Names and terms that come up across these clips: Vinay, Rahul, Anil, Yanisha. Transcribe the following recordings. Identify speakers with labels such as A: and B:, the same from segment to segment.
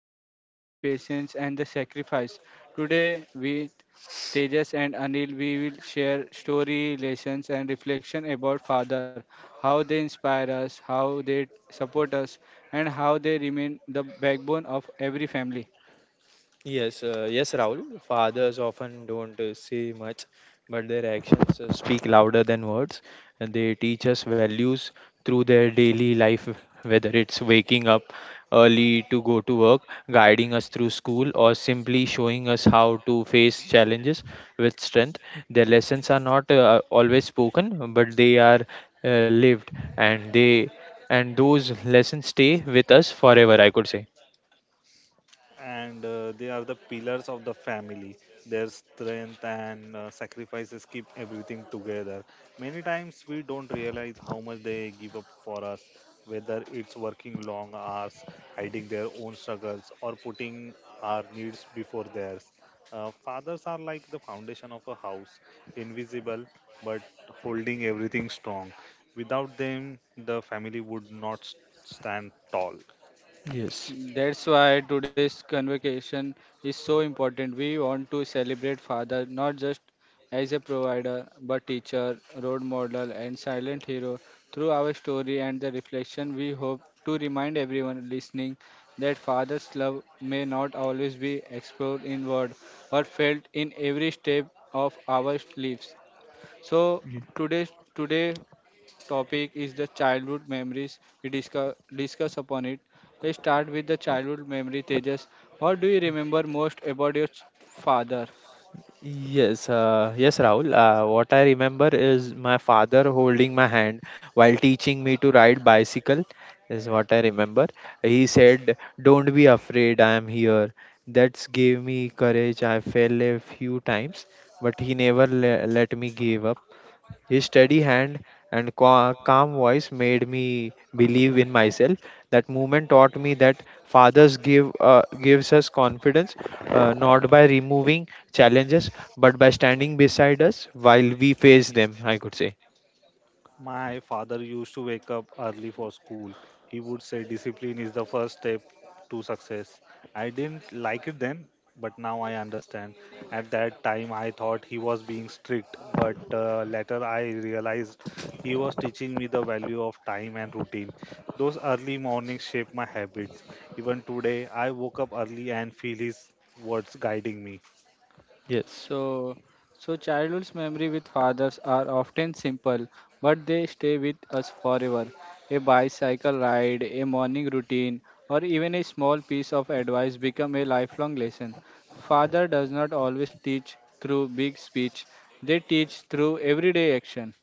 A: with discipline, patience, and the sacrifice. Today, we Tejas and Anil, we will share story, lessons, and reflection about father, how they inspire us, how they support us, and how they remain the backbone of every family.
B: Yes, yes, Rahul. Fathers often don't say much, but their actions speak louder than words. And they teach us values through their daily life, whether it's waking up early to go to work, guiding us through school, or simply showing us how to face challenges with strength. Their lessons are not always spoken, but they are lived, and those lessons stay with us forever, I could say.
C: And They are the pillars of the family. Their strength and sacrifices keep everything together. Many times we don't realize how much they give up for us, whether it's working long hours, hiding their own struggles, or putting our needs before theirs. Fathers are like the foundation of a house, invisible but holding everything strong. Without them, the family would not stand tall.
B: Yes.
A: That's why today's convocation is so important. We want to celebrate father not just as a provider but teacher, role model and silent hero. Through our story and the reflection we hope to remind everyone listening that father's love may not always be explored in word or felt in every step of our lives. So today topic is the childhood memories. We discuss upon it. Let's start with the childhood memory. Tejas, what do you remember most about your father?
B: Yes, yes, Rahul. What I remember is my father holding my hand while teaching me to ride bicycle, is what I remember. He said, "Don't be afraid, I am here." That's gave me courage. I fell a few times, but he never le let me give up. His steady hand and calm voice made me believe in myself. That movement taught me that fathers gives us confidence not by removing challenges but by standing beside us while we face them, I could say.
C: My father used to wake up early for school. He would say discipline is the first step to success. I didn't like it then, but now I understand. At that time, I thought he was being strict, but later I realized he was teaching me the value of time and routine. Those early mornings shaped my habits. Even today, I woke up early and feel his words guiding me.
B: Yes.
A: So, so childhood's memory with fathers are often simple, but they stay with us forever. A bicycle ride, a morning routine, or even a small piece of advice become a lifelong lesson. Father does not always teach through big speech; they teach through everyday action.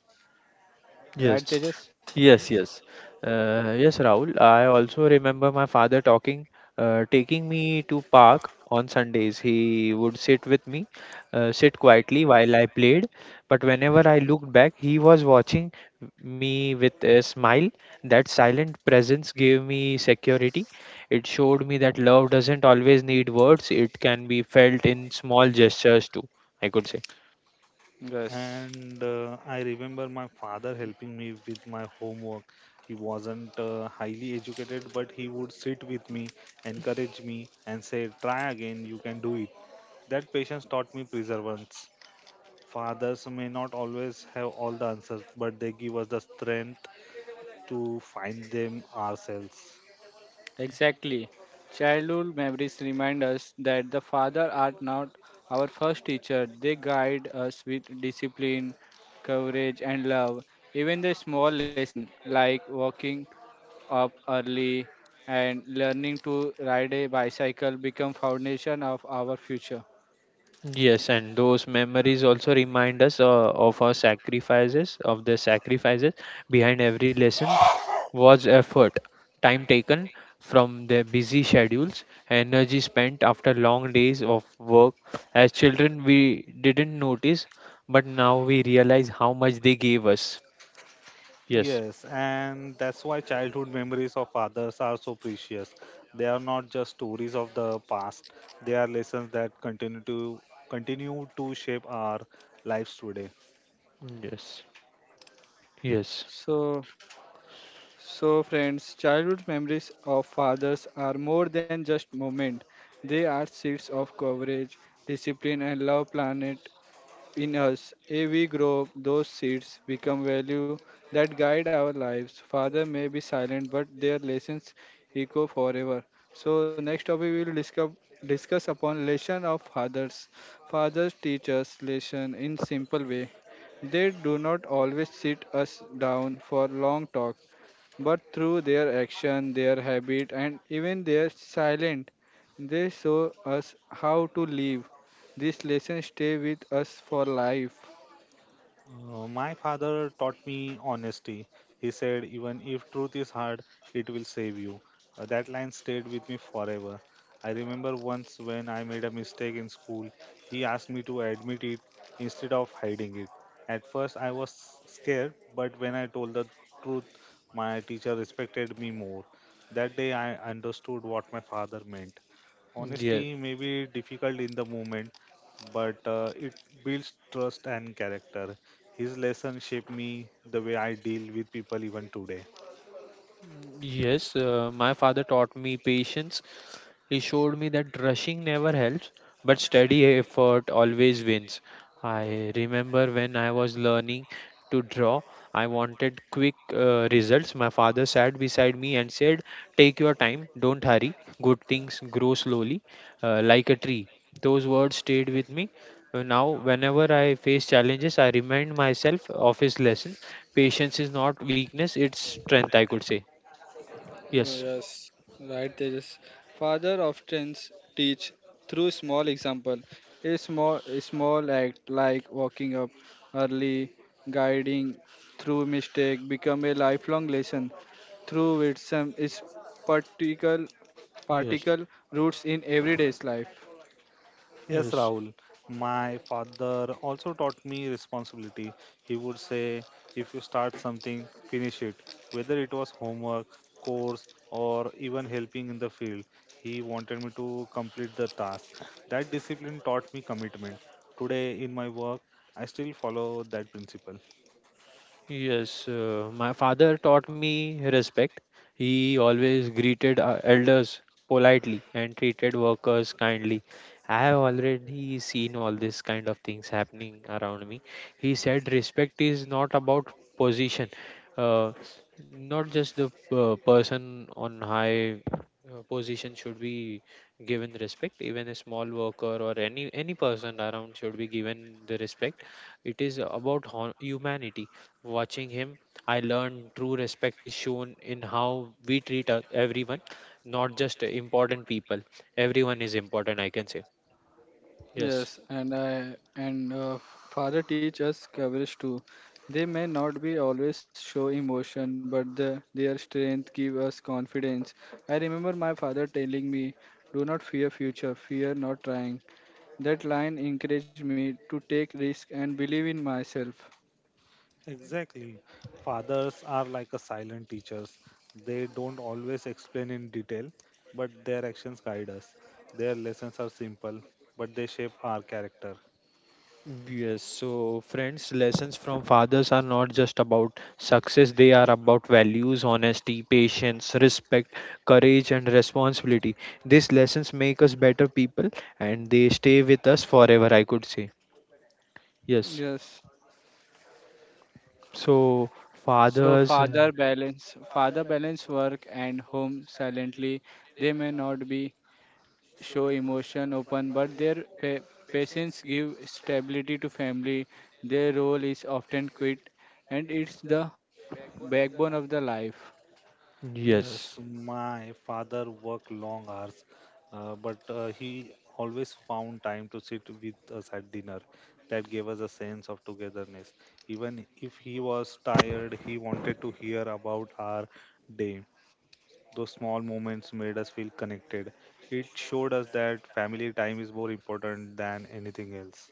A: Right,
B: Yes,
A: Tejas?
B: yes, yes. Yes, Rahul. I also remember taking me to park on Sundays. He would sit with me, sit quietly while I played. But whenever I looked back, he was watching me with a smile. That silent presence gave me security. It showed me that love doesn't always need words. It can be felt in small gestures too, I could say.
A: Yes.
C: And I remember my father helping me with my homework. He wasn't highly educated, but he would sit with me, encourage me, and say, try again, you can do it. That patience taught me perseverance. Fathers may not always have all the answers, but they give us the strength to find them ourselves.
A: Exactly. Childhood memories remind us that the father are not our first teacher. They guide us with discipline, courage, and love. Even the small lesson like waking up early and learning to ride a bicycle become foundation of our future.
B: Yes, and those memories also remind us of the sacrifices behind every lesson was effort, time taken from their busy schedules, energy spent after long days of work. As children, we didn't notice, but now we realize how much they gave us. Yes,
C: Yes, and that's why childhood memories of others are so precious. They are not just stories of the past, they are lessons that continue to shape our lives today.
B: yes, yes,
A: So, so friends, childhood memories of fathers are more than just moment. They are seeds of courage, discipline, and love planet in us. If we grow those seeds, become value that guide our lives. Father may be silent, but their lessons echo forever. So next topic we will discuss upon lesson of fathers. Fathers teach us lesson in simple way. They do not always sit us down for long talk but through their action, their habit, and even their silence, they show us how to live. These lessons stay with us for life.
C: My father taught me honesty. He said, even if truth is hard, it will save you. That line stayed with me forever. I remember once when I made a mistake in school, he asked me to admit it instead of hiding it. At first, I was scared, but when I told the truth, my teacher respected me more. That day, I understood what my father meant.
B: yes.
C: Honesty may be difficult in the moment, but it builds trust and character. His lesson shaped me the way I deal with people even today.
B: Yes, my father taught me patience. He showed me that rushing never helps, but steady effort always wins. I remember when I was learning to draw, I wanted quick results. My father sat beside me and said, "Take your time, don't hurry. Good things grow slowly, like a tree." Those words stayed with me. Now, whenever I face challenges, I remind myself of his lessons. Patience is not weakness, it's strength, I could say. Yes,
A: Yes, right, Tejas. Father often teach through small example. A small act like waking up early, guiding through mistake, become a lifelong lesson. Through wisdom is particle,
B: yes,
A: particle roots in everyday's life.
C: Yes,
B: yes.
C: Rahul, my father also taught me responsibility. He would say, if you start something, finish it. Whether it was homework, course, or even helping in the field, he wanted me to complete the task. That discipline taught me commitment. Today, in my work, I still follow that principle.
B: Yes, my father taught me respect. He always greeted elders politely and treated workers kindly. I have already seen all this kind of things happening around me. He said respect is not about position, uh, not just the person on high position should be given respect. Even a small worker or any person around should be given the respect. It is about humanity. Watching him, I learned true respect is shown in how we treat everyone, not just important people. Everyone is important, I can say. Yes.
A: Yes, and father teach us courage too. They may not be always show emotion, but their strength give us confidence. I remember my father telling me, "Do not fear future, fear not trying." That line encouraged me to take risk and believe in myself.
C: Exactly. Fathers are like a silent teachers. They don't always explain in detail, but their actions guide us. Their lessons are simple, but they shape our character.
B: Yes, so friends, lessons from fathers are not just about success, they are about values, honesty, patience, respect, courage, and responsibility. These lessons make us better people and they stay with us forever, I could say. Yes,
A: Yes.
B: so
A: So
B: fathers,
A: father balance work and home silently. They may not be show emotion open, but their patience give stability to family. Their role is often quit, and it's the backbone of the life.
B: yes.
C: Yes, my father worked long hours, but he always found time to sit with us at dinner. That gave us a sense of togetherness. Even if he was tired, he wanted to hear about our day. Those small moments made us feel connected. It showed us that family time is more important than anything else.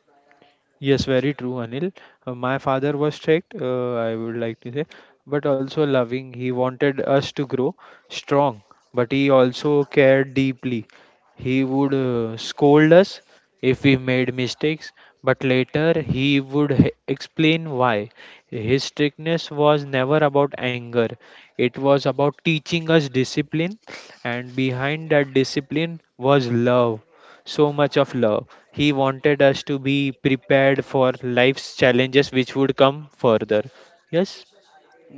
B: Yes, very true, Anil. My father was strict, I would like to say, but also loving. He wanted us to grow strong, but he also cared deeply. He would scold us if we made mistakes, but later he would explain why. His strictness was never about anger, it was about teaching us discipline, and behind that discipline was love, so much of love. He wanted us to be prepared for life's challenges which would come further. Yes,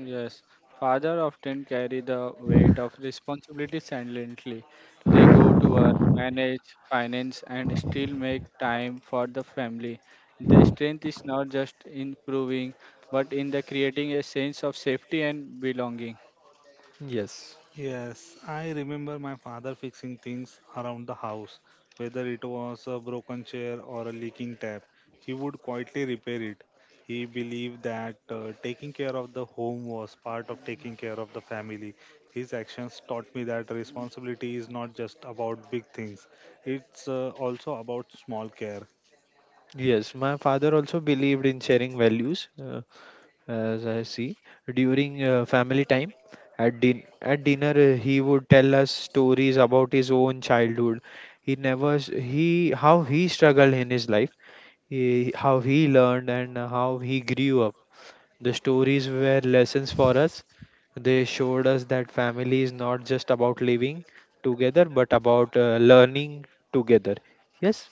A: Yes, father often carry the weight of responsibility silently. They go to work, manage finance, and still make time for the family. Their strength is not just in proving, but in the creating a sense of safety and belonging.
B: yes,
C: Yes, I remember my father fixing things around the house, whether it was a broken chair or a leaking tap. He would quietly repair it. He believed that taking care of the home was part of taking care of the family. His actions taught me that responsibility is not just about big things, it's also about small care.
B: yes. My father also believed in sharing values, as I see, during family time. At, at dinner, he would tell us stories about his own childhood. He never, s- he how he struggled in his life, he, how he learned, and how he grew up. The stories were lessons for us. They showed us that family is not just about living together, but about learning together. Yes?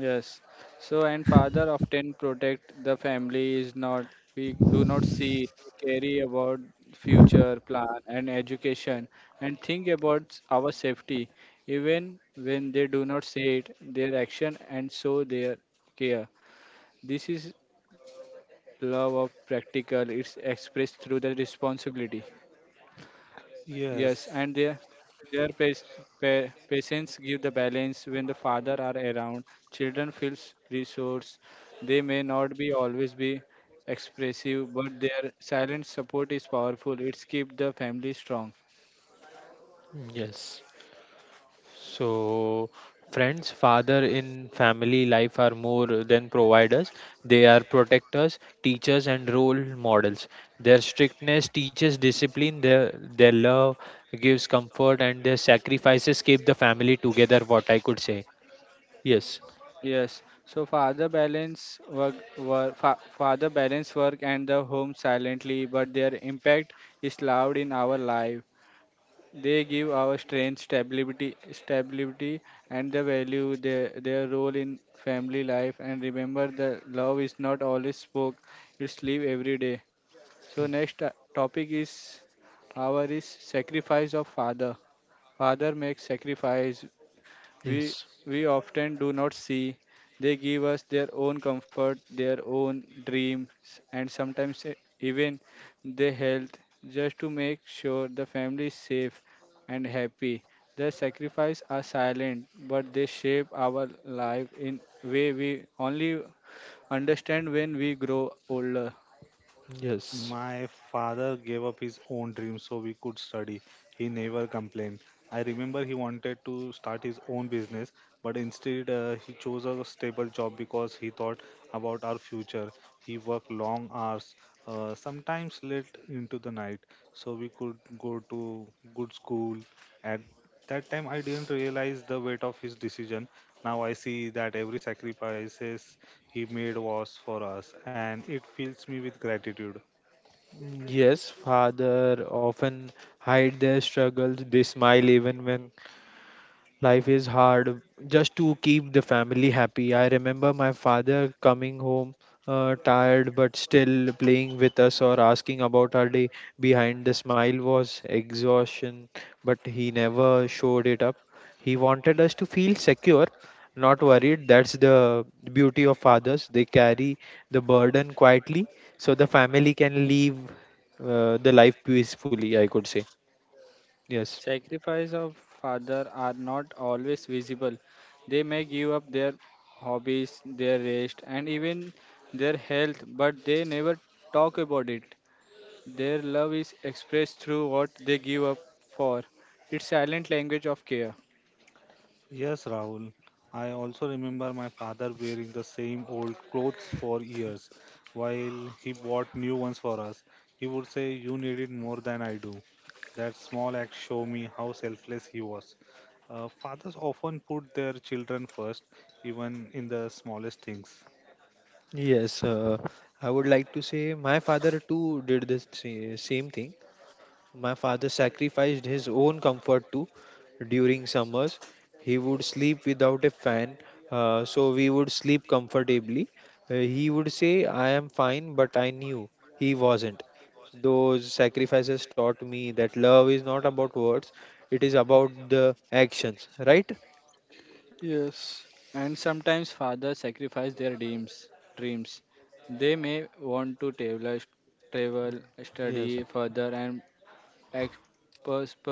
A: Yes. So, and father often protect the family is not, we do not see, carry about future plan and education and think about our safety. Even when they do not say it, their action and so their care. This is love of practical. It's expressed through the responsibility. Yes, and their
C: Yes.
A: their pas- pa- patience give the balance when the father are around. Children feels resource. They may not be always be expressive, but their silent support is powerful. It's keep the family strong.
B: Mm, yes. So, friends, father in family life are more than providers. They are protectors, teachers, and role models. Their strictness teaches discipline, their love gives comfort, and their sacrifices keep the family together, what I could say. Yes.
A: Yes. So father balance work and the home silently, but their impact is loud in our life. They give our strength, stability, and the value their role in family life. And remember, the love is not always spoke; it's live every day. So next topic is our is sacrifice of father. Father makes sacrifice we
B: Yes.
A: we often do not see. They give us their own comfort, their own dreams, and sometimes even their health, just to make sure the family is safe and happy. Their sacrifices are silent, but they shape our life in way we only understand when we grow older.
B: Yes.
C: My father gave up his own dream so we could study. He never complained. I remember he wanted to start his own business, but instead he chose a stable job because he thought about our future. He worked long hours, sometimes late into the night, so we could go to good school. At that time, I didn't realize the weight of his decision. Now I see that every sacrifices he made was for us, and it fills me with gratitude.
B: Yes, father often hide their struggles. They smile even when life is hard just to keep the family happy. I remember my father coming home tired but still playing with us or asking about our day. Behind the smile was exhaustion, but he never showed it up. He wanted us to feel secure, not worried. That's the beauty of fathers. They carry the burden quietly so the family can live the life peacefully, I could say. Yes.
A: Sacrifice of father are not always visible. They may give up their hobbies, their rest, and even their health, but they never talk about it. Their love is expressed through what they give up for. It's silent language of care.
C: Yes, Rahul. I also remember my father wearing the same old clothes for years while he bought new ones for us. He would say, you need it more than I do. That small act show me how selfless he was. Fathers often put their children first, even in the smallest things.
B: Yes, I would like to say my father too did the same thing. My father sacrificed his own comfort too during summers. He would sleep without a fan, so we would sleep comfortably. He would say, "I am fine," but I knew he wasn't. Those sacrifices taught me that love is not about words, it is about the actions, right?
A: Yes. And sometimes fathers sacrifice their dreams. Dreams. They may want to travel,
B: Yes.
A: study further, and expensive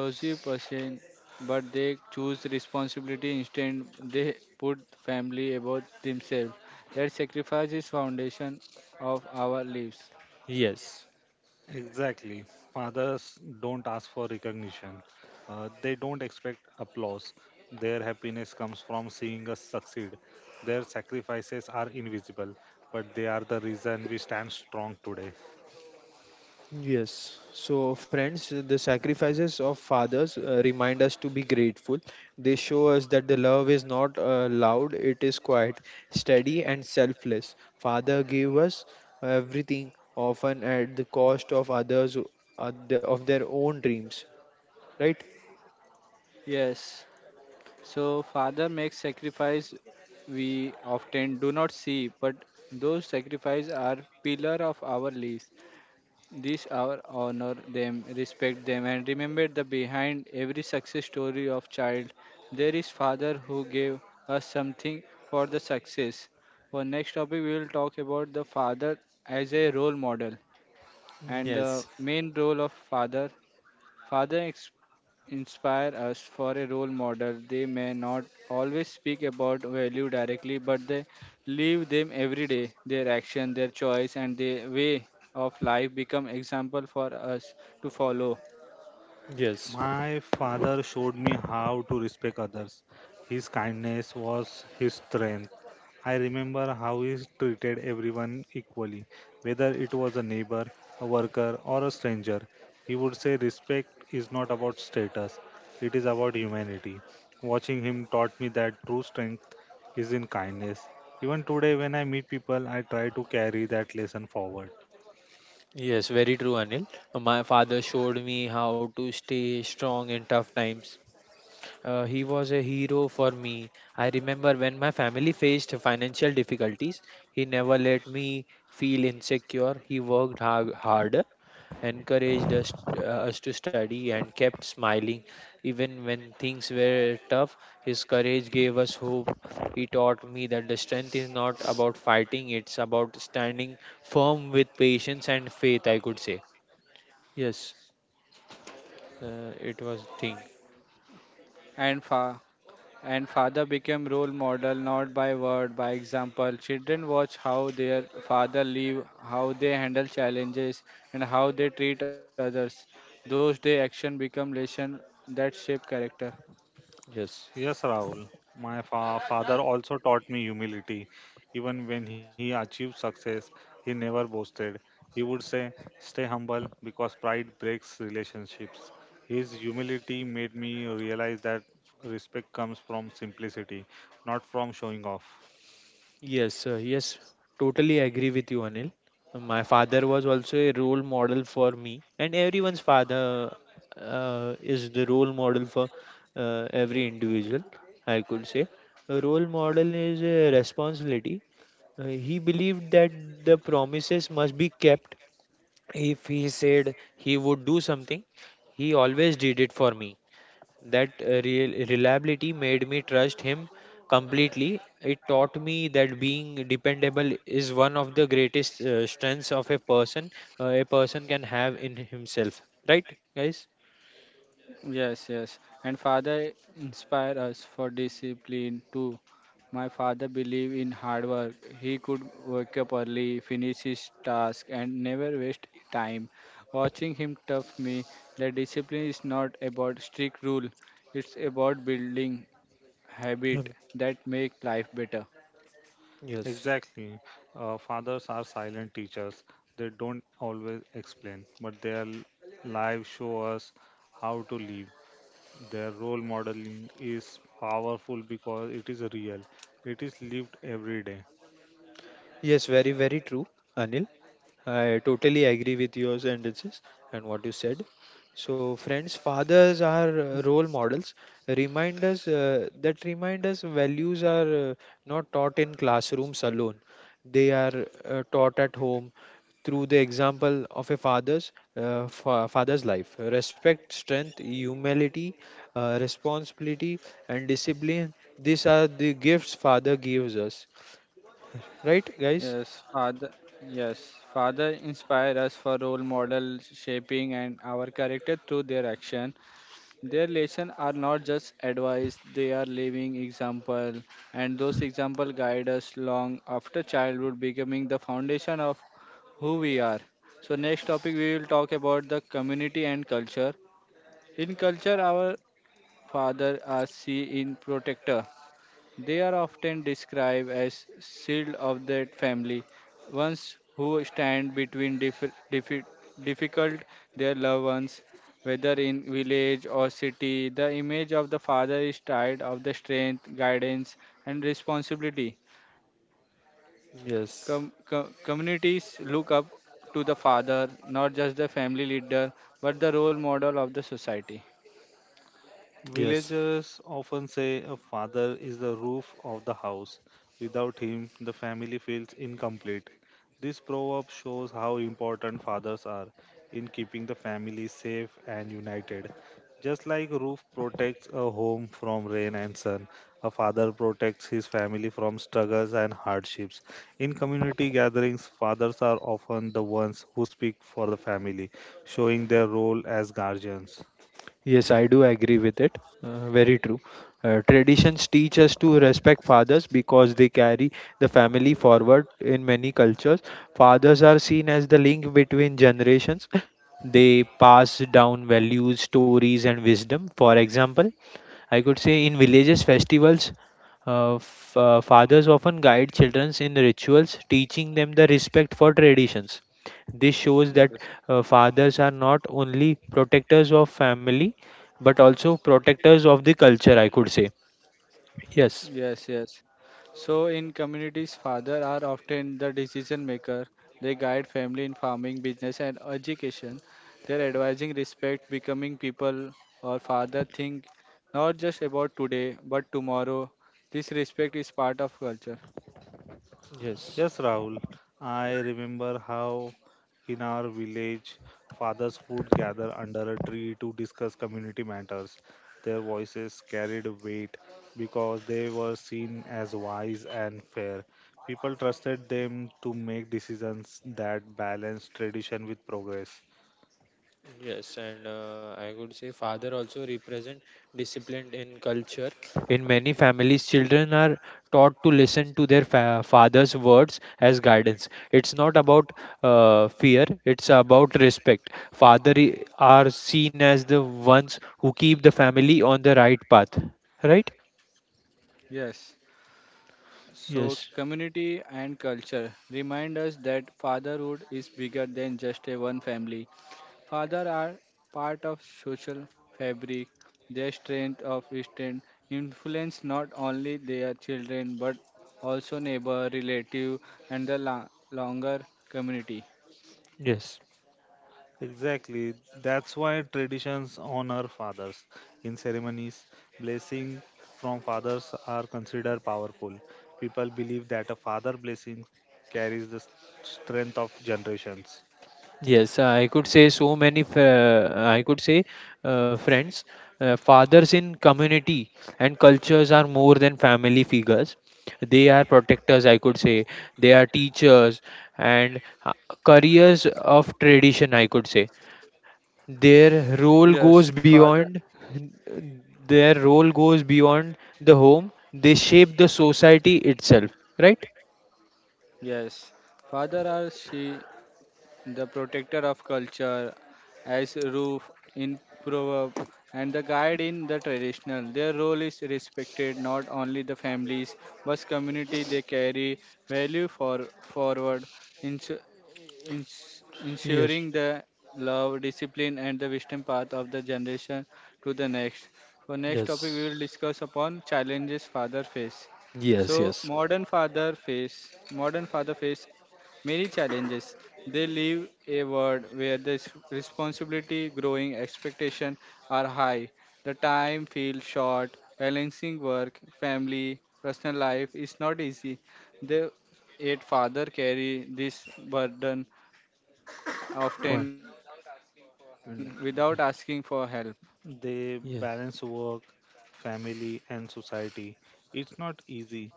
A: person, but they choose responsibility instead. They put family above themselves. That sacrifice is foundation of our lives.
B: Yes.
C: Exactly. Fathers don't ask for recognition. They don't expect applause. Their happiness comes from seeing us succeed. Their sacrifices are invisible, but they are the reason we stand strong today.
B: Yes. So, friends, the sacrifices of fathers remind us to be grateful. They show us that the love is not loud, it is quiet, steady, and selfless. Father gave us everything, often at the cost of others, of their own dreams, right?
A: Yes. So father makes sacrifice we often do not see, but those sacrifices are pillar of our lives. This hour honor them, respect them, and remember that behind every success story of child, there is father who gave us something for the success. For next topic, we will talk about the father as a role model and the
B: Yes,
A: main role of father. Father inspire us for a role model. They may not always speak about value directly, but they live them every day. Their action, their choice, and their way of life become example for us to follow.
B: yes,
C: My father showed me how to respect others. His kindness was his strength. I remember how he treated everyone equally, whether it was a neighbor, a worker, or a stranger. He would say, respect is not about status, it is about humanity. Watching him taught me that true strength is in kindness. Even today, when I meet people, I try to carry that lesson forward.
B: yes, very true, Anil. My father showed me how to stay strong in tough times. He was a hero for me. I remember when my family faced financial difficulties, he never let me feel insecure. He worked harder, encouraged us to study, and kept smiling. Even when things were tough, his courage gave us hope. He taught me that the strength is not about fighting, it's about standing firm with patience and faith, I could say. Yes, it was thing.
A: And and father became role model not by word, by example. Children watch how their father live, how they handle challenges, and how they treat others. Those day action become lesson that shape character.
B: Yes.
C: Yes, Rahul. My father also taught me humility. Even when he achieved success, he never boasted. He would say, stay humble because pride breaks relationships. His humility made me realize that respect comes from simplicity, not from showing off.
B: Yes, yes, totally agree with you, Anil. My father was also a role model for me, and everyone's father is the role model for every individual, I could say. A role model is a responsibility. He believed that the promises must be kept. If he said he would do something, he always did it for me. That real reliability made me trust him completely. It taught me that being dependable is one of the greatest strengths of a person can have in himself. Right, guys?
A: Yes, yes. And father inspire us for discipline too. My father believed in hard work. He could wake up early, finish his task, and never waste time. Watching him taught me that discipline is not about strict rule. It's about building habit
B: Um,
A: that make life better.
B: Yes.
C: Exactly. Fathers are silent teachers. They don't always explain, but their lives show us how to live. Their role modeling is powerful because it is real, it is lived every day.
B: Yes, very, very true, Anil. I totally agree with your sentences and what you said. So, friends, fathers are role models. Remind us values are not taught in classrooms alone. They are taught at home through the example of a father's life. Respect, strength, humility, responsibility, and discipline. These are the gifts father gives us. Right, guys?
A: Yes, father. Yes, father inspire us for role model shaping and our character through their action. Their lessons are not just advice, they are living example, and those examples guide us long after childhood, becoming the foundation of who we are. So next topic we will talk about the community and culture. In culture, our father are see in protector. They are often described as shield of that family, ones who stand between difficult their loved ones, whether in village or city. The image of the father is tied of the strength, guidance, and responsibility.
B: Yes.
A: Communities look up to the father, not just the family leader, but the role model of the society.
B: Yes.
C: Villagers often say a father is the roof of the house. Without him, the family feels incomplete. This proverb shows how important fathers are in keeping the family safe and united. Just like a roof protects a home from rain and sun, a father protects his family from struggles and hardships. In community gatherings, fathers are often the ones who speak for the family, showing their role as guardians.
B: Yes, I do agree with it. Very true. Traditions teach us to respect fathers because they carry the family forward in many cultures. Fathers are seen as the link between generations. They pass down values, stories, and wisdom. For example, I could say in villages festivals, fathers often guide children in rituals, teaching them the respect for traditions. This shows that
A: Yes.
B: fathers are not only protectors of family but also protectors of the culture, I could say. Yes,
A: Yes, yes. So in communities, father are often the decision maker. They guide family in farming, business, and education. Their advising respect becoming people or father think not just about today but tomorrow. This respect is part of culture.
B: yes.
C: Yes, Rahul. I remember how in our village fathers would gather under a tree to discuss community matters. Their voices carried weight because they were seen as wise and fair. People trusted them to make decisions that balanced tradition with progress.
B: In many families, children are taught to listen to their father's words as guidance. It's not about fear, it's about respect. Father I- are seen as the ones who keep the family on the right path, right?
A: Yes. So
B: Yes,
A: community and culture remind us that fatherhood is bigger than just a one family. Fathers are part of social fabric. Their strength influence not only their children but also neighbor, relative, and the longer community.
B: yes.
C: Exactly. That's why traditions honor fathers. In ceremonies, blessings from fathers are considered powerful. People believe that a father blessing carries the strength of generations.
B: Yes, I could say so many. I could say friends, fathers in community and cultures are more than family figures. They are protectors. I could say they are teachers and carriers of tradition. I could say their
A: Yes,
B: role goes
A: father.
B: beyond. Their role goes beyond the home. They shape the society itself. Right?
A: Yes, father are she the protector of culture, as roof in proverb, and the guide in the traditional. Their role is respected not only the families but community. They carry value for forward, insu-
B: Yes,
A: ensuring the love, discipline, and the wisdom path of the generation to the next. For next topic, we will
B: yes,
A: discuss upon challenges father face.
B: yes.
A: So
B: Yes.
A: modern father face many challenges. They live a world where the responsibility, growing expectation are high. The time feels short. Balancing work, family, personal life is not easy. They yet father carry this burden
B: Quite.
A: often without asking for help.
C: They balance work, family, and society. It's not easy.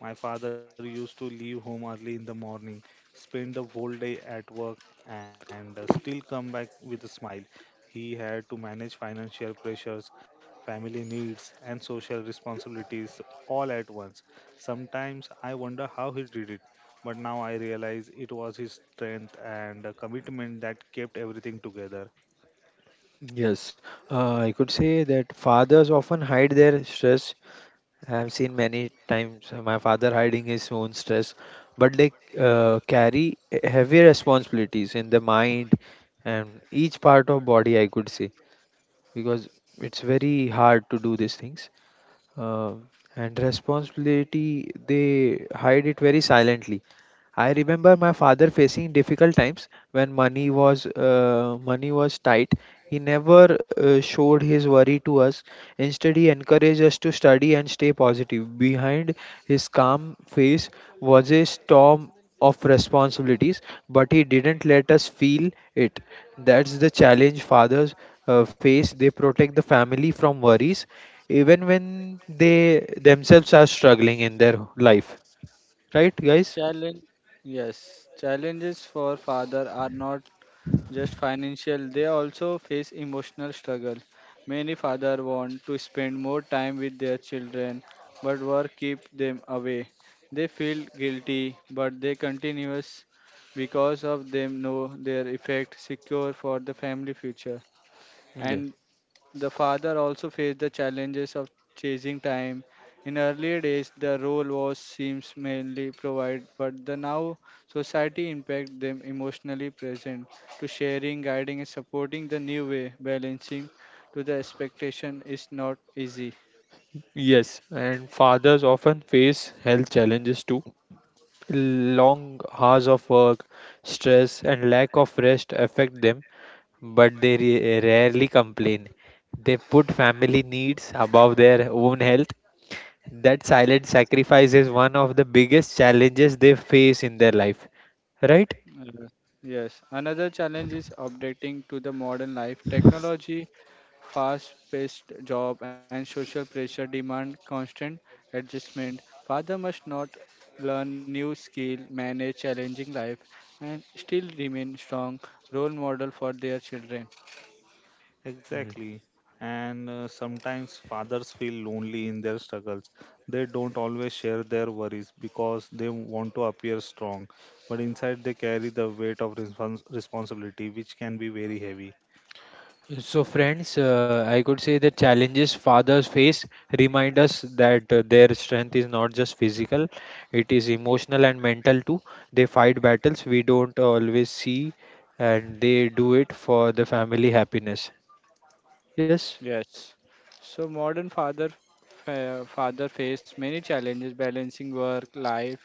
C: My father used to leave home early in the morning, spend the whole day at work, and still come back with a smile. He had to manage financial pressures, family needs, and social responsibilities all at once. Sometimes I wonder how he did it, but now I realize it was his strength and commitment that kept everything together.
B: Yes, I could say that fathers often hide their stress. I have seen many times my father hiding his own stress, but they carry heavy responsibilities in the mind and each part of body, I could say, because it's very hard to do these things. Uh, and responsibility, they hide it very silently. I remember my father facing difficult times when money was tight. He never showed his worry to us. Instead, he encouraged us to study and stay positive. Behind his calm face was a storm of responsibilities, but he didn't let us feel it. That's the challenge fathers face. They protect the family from worries, even when they themselves are struggling in their life. Right, guys?
A: Challenge yes, challenges for father are not just financial, they also face emotional struggle. Many father want to spend more time with their children but work keep them away. They feel guilty but they continuous because of them know their effect secure for the family future.
B: Yeah.
A: And the father also faced the challenges of chasing time. In earlier days, the role was seems mainly provide, but the now society impact them emotionally present to sharing, guiding, and supporting the new way. Balancing to the expectation is not easy.
B: Yes, and fathers often face health challenges too. Long hours of work, stress, and lack of rest affect them, but they rarely complain. They put family needs above their own health. That silent sacrifice is one of the biggest challenges they face in their life, right?
A: Uh, Yes, another challenge is adapting to the modern life. Technology, fast-paced job, and social pressure demand constant adjustment. Father must not learn new skill, manage challenging life, and still remain strong role model for their children.
C: Exactly. And sometimes fathers feel lonely in their struggles. They don't always share their worries because they want to appear strong, but inside they carry the weight of responsibility, which can be very heavy.
B: So, friends, I could say the challenges fathers face remind us that their strength is not just physical, it is emotional and mental too. They fight battles we don't always see, and they do it for the family happiness. Yes,
A: Yes. So father face many challenges balancing work, life,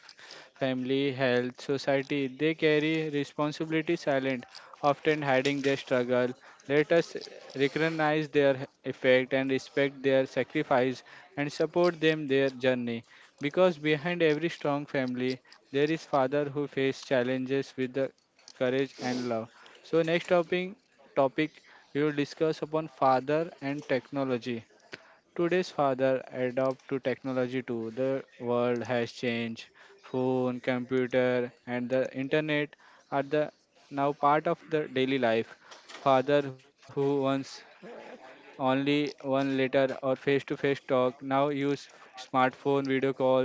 A: family, health, society. They carry responsibility silent, often hiding their struggle. Let us recognize their effect and respect their sacrifice and support them their journey. Because behind every strong family, there is father who face challenges with the courage and love. So next topic we will discuss upon father and technology. Today's father adapt to technology too. The world has changed. Phone, computer, and the internet are the now part of the daily life. Father who once only one letter or face-to-face talk now use smartphone video call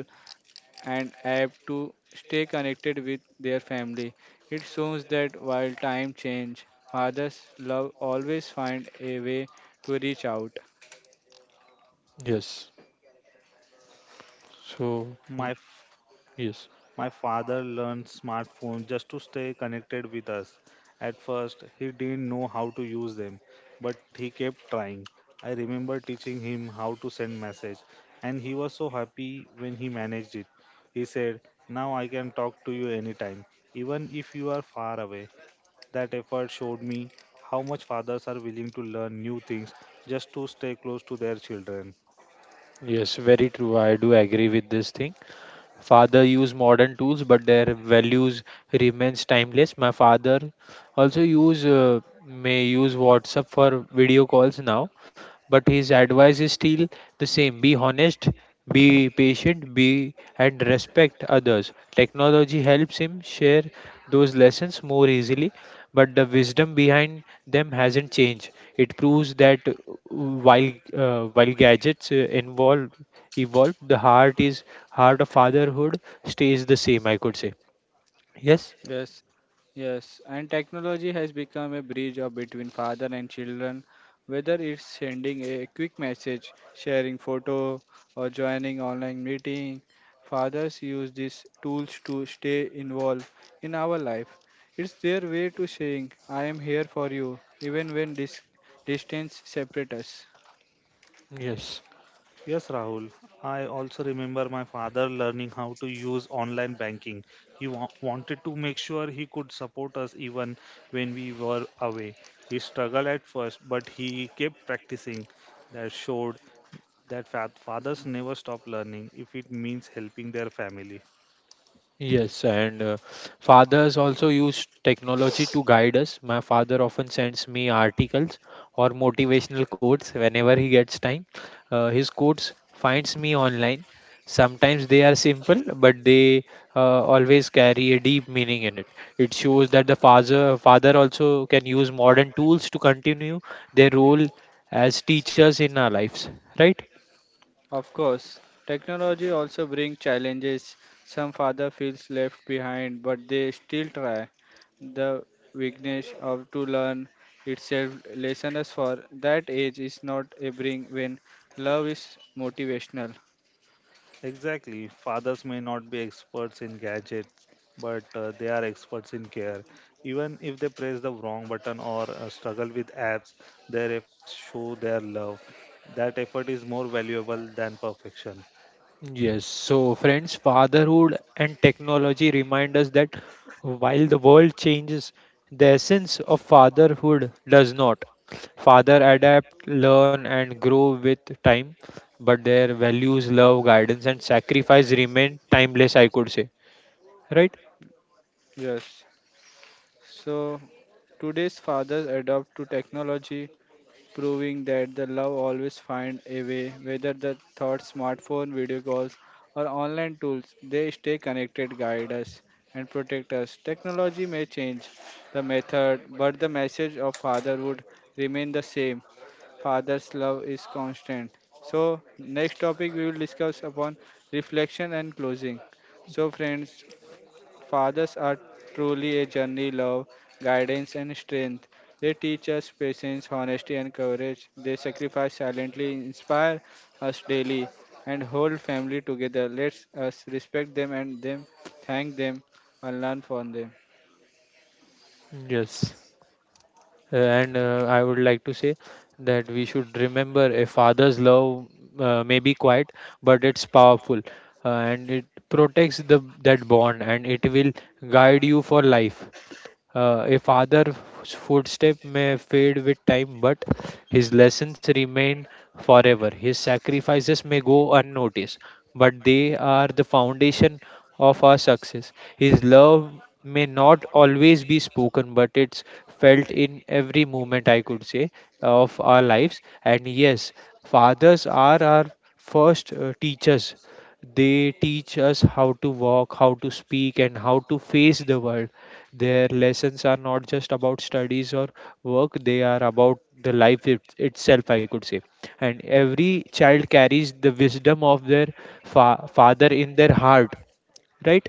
A: and app to stay connected with their family. It shows that while time change, fathers love always find a way to reach out.
B: yes. So, mm,
C: My
B: yes,
C: My father learned smartphones just to stay connected with us. At first, he didn't know how to use them, but he kept trying. I remember teaching him how to send message, and he was so happy when he managed it. He said, "Now I can talk to you anytime, even if you are far away." That effort showed me how much fathers are willing to learn new things just to stay close to their children.
B: yes, very true. I do agree with this thing. Father used modern tools but their values remains timeless. My father also use may use WhatsApp for video calls now, but his advice is still the same: be honest, be patient, be and respect others. Technology helps him share those lessons more easily, but the wisdom behind them hasn't changed. It proves that while while gadgets involve evolve, the heart is heart of fatherhood stays the same, I could say. Yes,
A: Yes, yes. And technology has become a bridge of between father and children, whether it's sending a quick message, sharing photo, or joining online meeting. Fathers use these tools to stay involved in our life. It's their way to saying, I am here for you, even when distance separates us.
B: yes.
C: Yes, Rahul. I also remember my father learning how to use online banking. He wanted to make sure he could support us even when we were away. He struggled at first, but he kept practicing. That showed that fathers never stop learning if it means helping their family.
B: Yes, and fathers also use technology to guide us. My father often sends me articles or motivational quotes whenever he gets time. His quotes finds me online. Sometimes they are simple, but they always carry a deep meaning in it. It shows that the father also can use modern tools to continue their role as teachers in our lives, right?
A: Of course, technology also brings challenges. Some father feels left behind, but they still try. The weakness of to learn itself lessons for that age is not a bring when love is motivational.
C: Exactly. Fathers may not be experts in gadgets, but they are experts in care. Even if they press the wrong button or struggle with apps, their efforts show their love. That effort is more valuable than perfection.
B: Yes, so friends, fatherhood and technology remind us that while the world changes, the essence of fatherhood does not. Father adapt, learn, and grow with time, but their values, love, guidance, and sacrifice remain timeless, I could say. Right?
A: Yes. So today's fathers adopt to technology proving that the love always find a way, whether the thoughts, smartphone, video calls, or online tools, they stay connected, guide us, and protect us. Technology may change the method, but the message of fatherhood remain the same. Father's love is constant. So next topic we will discuss upon reflection and closing. So friends, fathers are truly a journey, love, guidance, and strength. They teach us patience, honesty, and courage. They sacrifice silently, inspire us daily, and hold family together. Let us respect them, thank them, and learn from them.
B: Yes. And I would like to say that we should remember a father's love may be quiet, but it's powerful, and it protects the that bond, and it will guide you for life. A father's footstep may fade with time, but his lessons remain forever. His sacrifices may go unnoticed, but they are the foundation of our success. His love may not always be spoken, but it's felt in every moment, I could say, of our lives. And yes, fathers are our first, teachers. They teach us how to walk, how to speak, and how to face the world. Their lessons are not just about studies or work, they are about the life itself, I could say. And every child carries the wisdom of their father in their heart, right?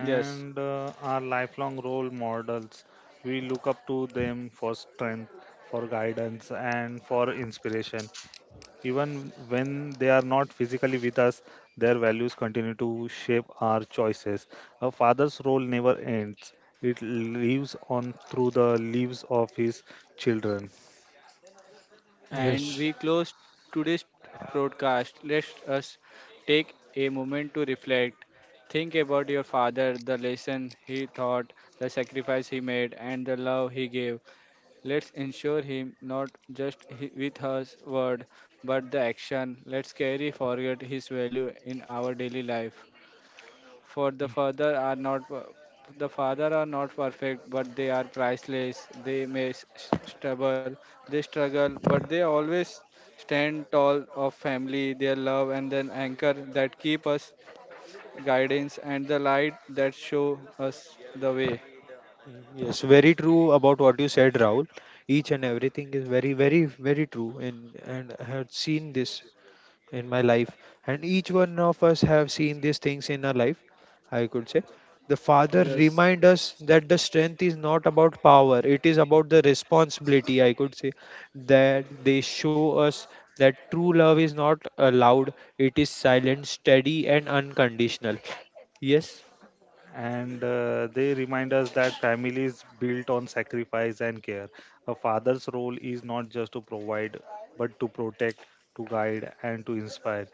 A: Yes,
C: And are lifelong role models. We look up to them for strength, for guidance, and for inspiration. Even when they are not physically with us, their values continue to shape our choices. A father's role never ends. It lives on through the lives of his children.
B: Yes.
A: and we close today's broadcast. Let us take a moment to reflect. Think about your father, the lesson he taught, the sacrifice he made, and the love he gave. Let's ensure him not just with his word but the action. Let's carry forward his value in our daily life. For
B: Y-
A: the father are not perfect but they are priceless. They may s- s- struggle, they struggle but they always stand tall of family, their love and then anchor that keep us guidance and the light that show us the way.
B: Yes, very true about what you said, Rahul. Each and everything is very, very, very true. And I had seen this in my life, and each one of us have seen these things in our life, I could say. The father
A: Yes.
B: remind us that the strength is not about power, it is about the responsibility, I could say, that they show us that true love is not loud; it is silent, steady and unconditional. Yes,
C: And they remind us that family is built on sacrifice and care. A father's role is not just to provide, but to protect, to guide, and to inspire.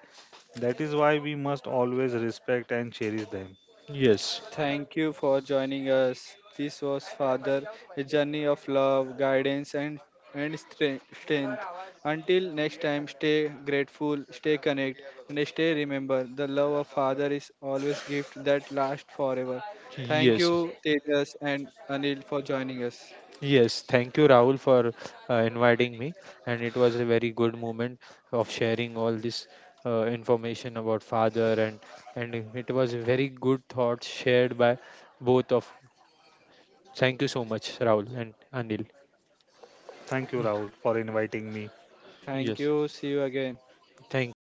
C: That is why we must always respect and cherish them.
B: yes,
A: Thank you for joining us. This was Father, a journey of love, guidance, and strength. Until next time, stay grateful, stay connected, and stay remember the love of Father is always gift that lasts forever. Thank
B: yes.
A: you, Tejas and Anil, for joining us.
B: Yes, thank you, Rahul, for inviting me. And it was a very good moment of sharing all this information about father, and it was a very good thoughts shared by both of. Thank you so much, Rahul and Anil.
C: Thank you, Rahul,
B: Yes,
C: for inviting me.
A: Thank
B: yes,
A: you. See you again.
B: thank you.